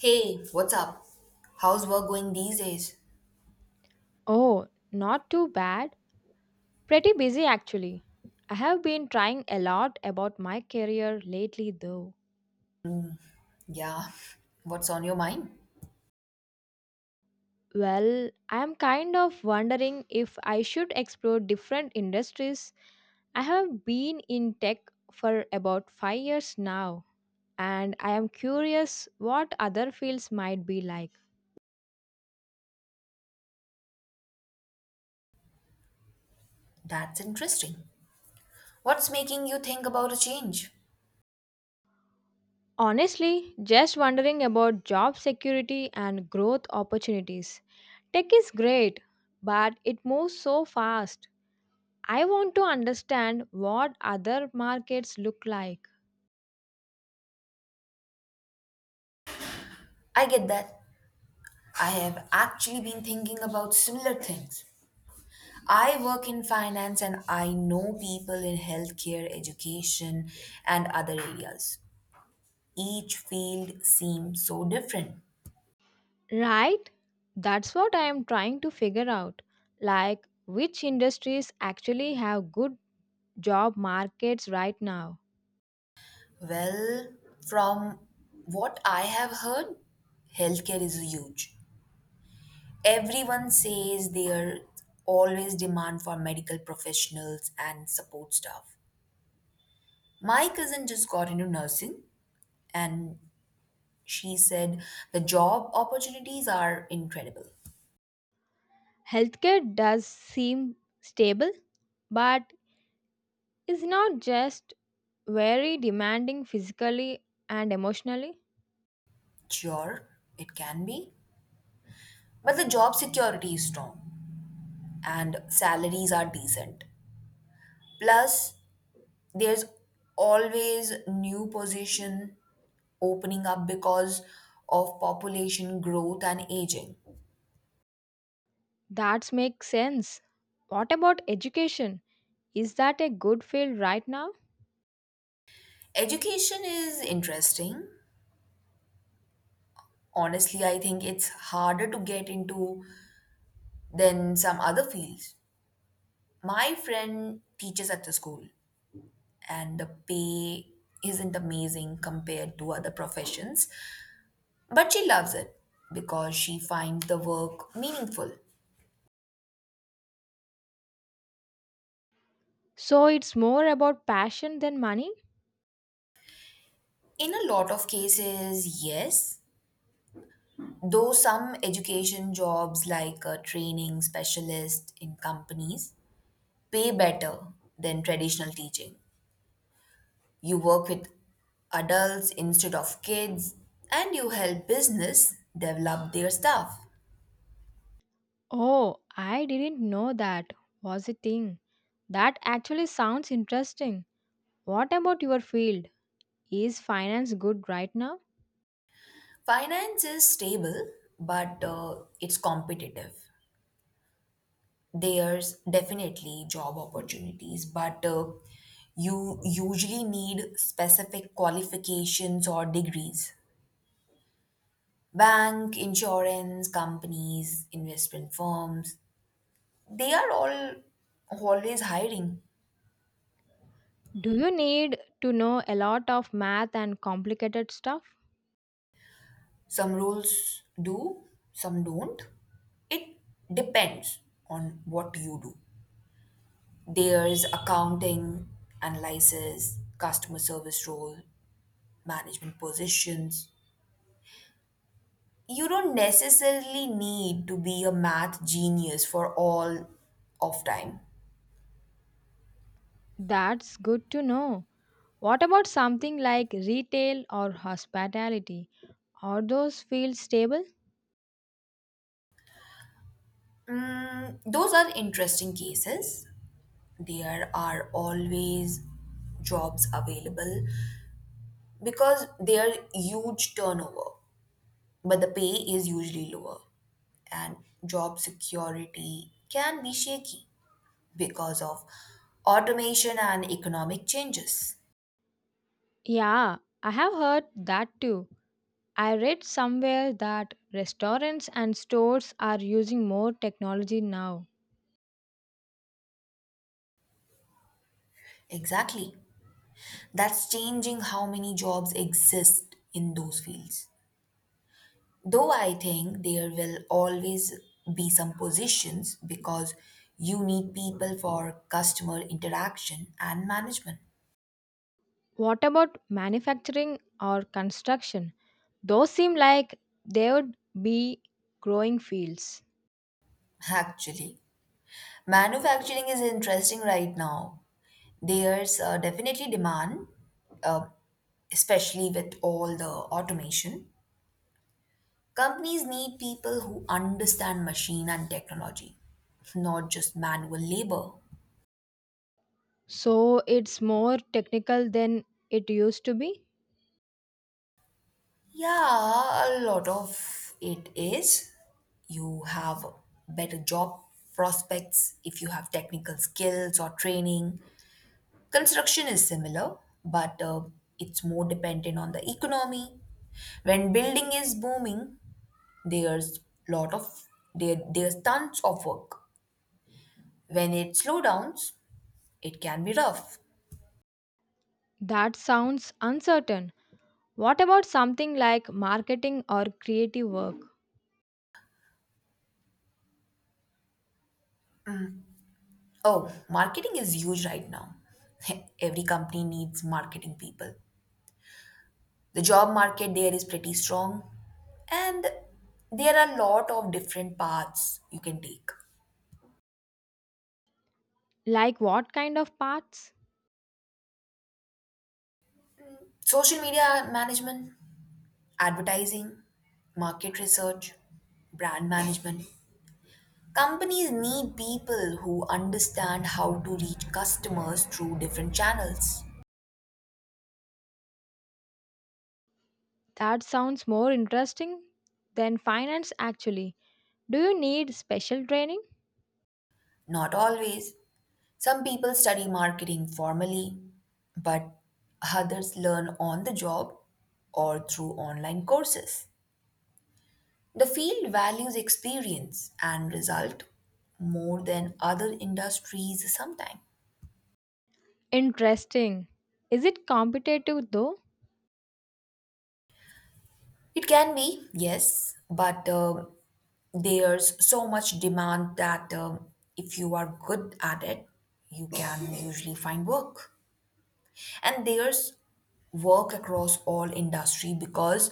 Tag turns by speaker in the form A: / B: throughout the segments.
A: Hey, what's up? How's work going these days?
B: Oh, not too bad. Pretty busy actually. I have been trying a lot about my career lately though.
A: Yeah, what's on your mind?
B: Well, I am kind of wondering if I should explore different industries. I have been in tech for about 5 years now, and I am curious what other fields might be like.
A: That's interesting. What's making you think about a change?
B: Honestly, just wondering about job security and growth opportunities. Tech is great, but it moves so fast I want to understand what other markets look like.
A: I get that. I have actually been thinking about similar things. I work in finance, and I know people in healthcare, education, and other areas. Each field seems so different.
B: Right? That's what I am trying to figure out. Like, which industries actually have good job markets right now?
A: Well, from what I have heard, healthcare is huge. Everyone says there always demand for medical professionals and support staff. My cousin just got into nursing, and she said the job opportunities are incredible.
B: Healthcare does seem stable, but is not just very demanding physically and emotionally.
A: Sure, it can be, but the job security is strong and salaries are decent. Plus, there's always new position opening up because of population growth and aging.
B: That makes sense. What about education? Is that a good field right now?
A: Education is interesting. Honestly, I think it's harder to get into than some other fields. My friend teaches at the school, and the pay isn't amazing compared to other professions, but she loves it because she finds the work meaningful.
B: So it's more about passion than money?
A: In a lot of cases, yes, though some education jobs like a training specialist in companies pay better than traditional teaching. You work with adults instead of kids, and you help business develop their staff.
B: Oh, I didn't know that was a thing. That actually sounds interesting. What about your field? Is finance good right now?
A: Finance is stable, but it's competitive. There's definitely job opportunities, but you usually need specific qualifications or degrees. Bank, insurance companies, investment firms, they are all always hiring.
B: Do you need to know a lot of math and complicated stuff?
A: Some rules do, some don't. It depends on what you do. There's accounting, analysis, customer service role, management positions. You don't necessarily need to be a math genius for all of time.
B: That's good to know. What about something like retail or hospitality? Are those fields stable?
A: Mm, those are interesting cases. There are always jobs available because they are huge turnover, but the pay is usually lower, and job security can be shaky because of automation and economic changes.
B: Yeah, I have heard that too. I read somewhere that restaurants and stores are using more technology now.
A: Exactly. That's changing how many jobs exist in those fields. Though I think there will always be some positions because you need people for customer interaction and management.
B: What about manufacturing or construction? Those seem like they would be growing fields.
A: Actually, manufacturing is interesting right now. There's definitely demand, uh, especially with all the automation. Companies need people who understand machine and technology, not just manual labor.
B: So it's more technical than it used to be?
A: Yeah, a lot of it is. You have better job prospects if you have technical skills or training. Construction is similar, but it's more dependent on the economy. When building is booming, There's lot of there's tons of work. When it slowdowns, it can be rough.
B: That sounds uncertain. What about something like marketing or creative work?
A: Oh, marketing is huge right now. Every company needs marketing people. The job market there is pretty strong, and there are a lot of different paths you can take.
B: Like what kind of paths?
A: Social media management, advertising, market research, brand management. Companies need people who understand how to reach customers through different channels.
B: That sounds more interesting than finance actually. Do you need special training?
A: Not always. Some people study marketing formally, but others learn on the job or through online courses. The field values experience and result more than other industries sometimes.
B: Interesting. Is it competitive though?
A: It can be, yes, but there's so much demand that if you are good at it, you can usually find work. And there's work across all industry because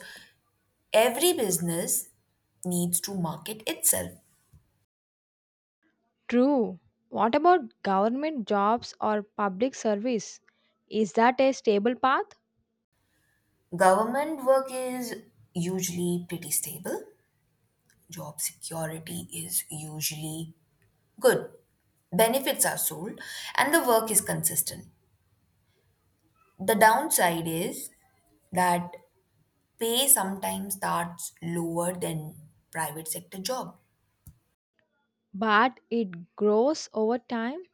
A: every business needs to market itself.
B: True. What about government jobs or public service? Is that a stable path?
A: Government work is usually pretty stable. Job security is usually good. Benefits are sold and the work is consistent. The downside is that pay sometimes starts lower than private sector job.
B: But it grows over time?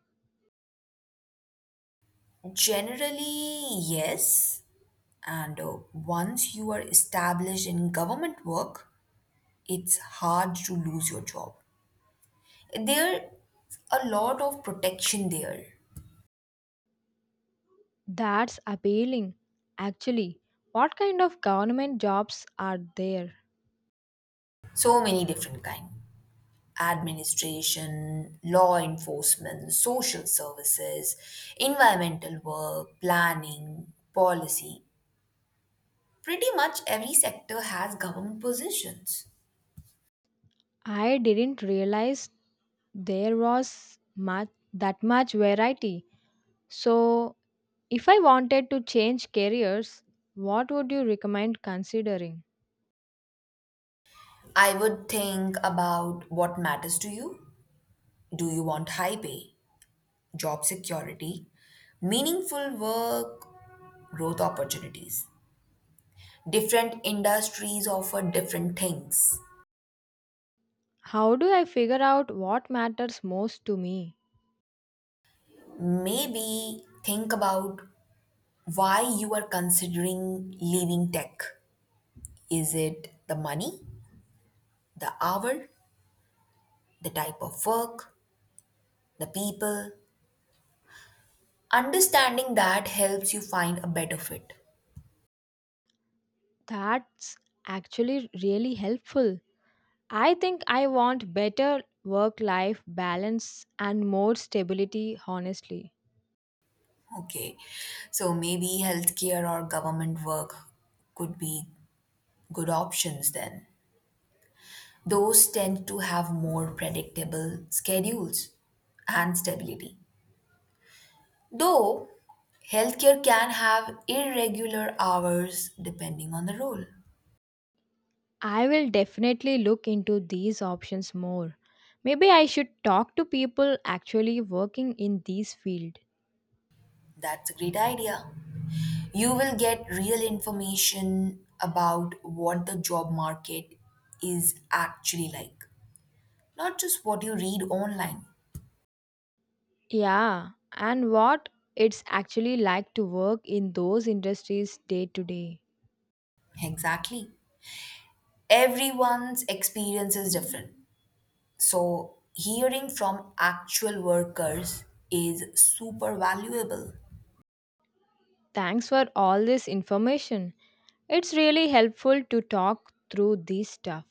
A: Generally yes, and once you are established in government work, it's hard to lose your job. There a lot of protection there.
B: That's appealing. Actually, what kind of government jobs are there?
A: So many different kind: administration, law enforcement, social services, environmental work, planning, policy. Pretty much every sector has government positions.
B: I didn't realize there was much that much variety. So, if I wanted to change careers, what would you recommend considering?
A: I would think about what matters to you. Do you want high pay, job security, meaningful work, growth opportunities? Different industries offer different things.
B: How do I figure out what matters most to me?
A: Maybe think about why you are considering leaving tech. Is it the money, the hour, the type of work, the people? Understanding that helps you find a better fit.
B: That's actually really helpful. I think I want better work life balance and more stability, honestly.
A: Okay, so maybe healthcare or government work could be good options then. Those tend to have more predictable schedules and stability. Though healthcare can have irregular hours depending on the role.
B: I will definitely look into these options more. Maybe I should talk to people actually working in these fields.
A: That's a great idea. You will get real information about what the job market is actually like, not just what you read online.
B: Yeah, and what it's actually like to work in those industries day to day.
A: Exactly. Everyone's experience is different. So, hearing from actual workers is super valuable.
B: Thanks for all this information. It's really helpful to talk through this stuff.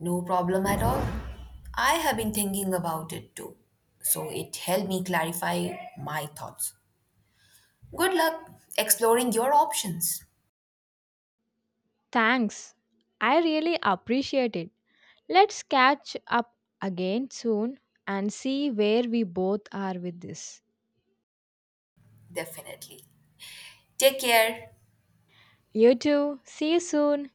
A: No problem at all. I have been thinking about it too. So, it helped me clarify my thoughts. Good luck exploring your options.
B: Thanks. I really appreciate it. Let's catch up again soon and see where we both are with this.
A: Definitely. Take care.
B: You too. See you soon.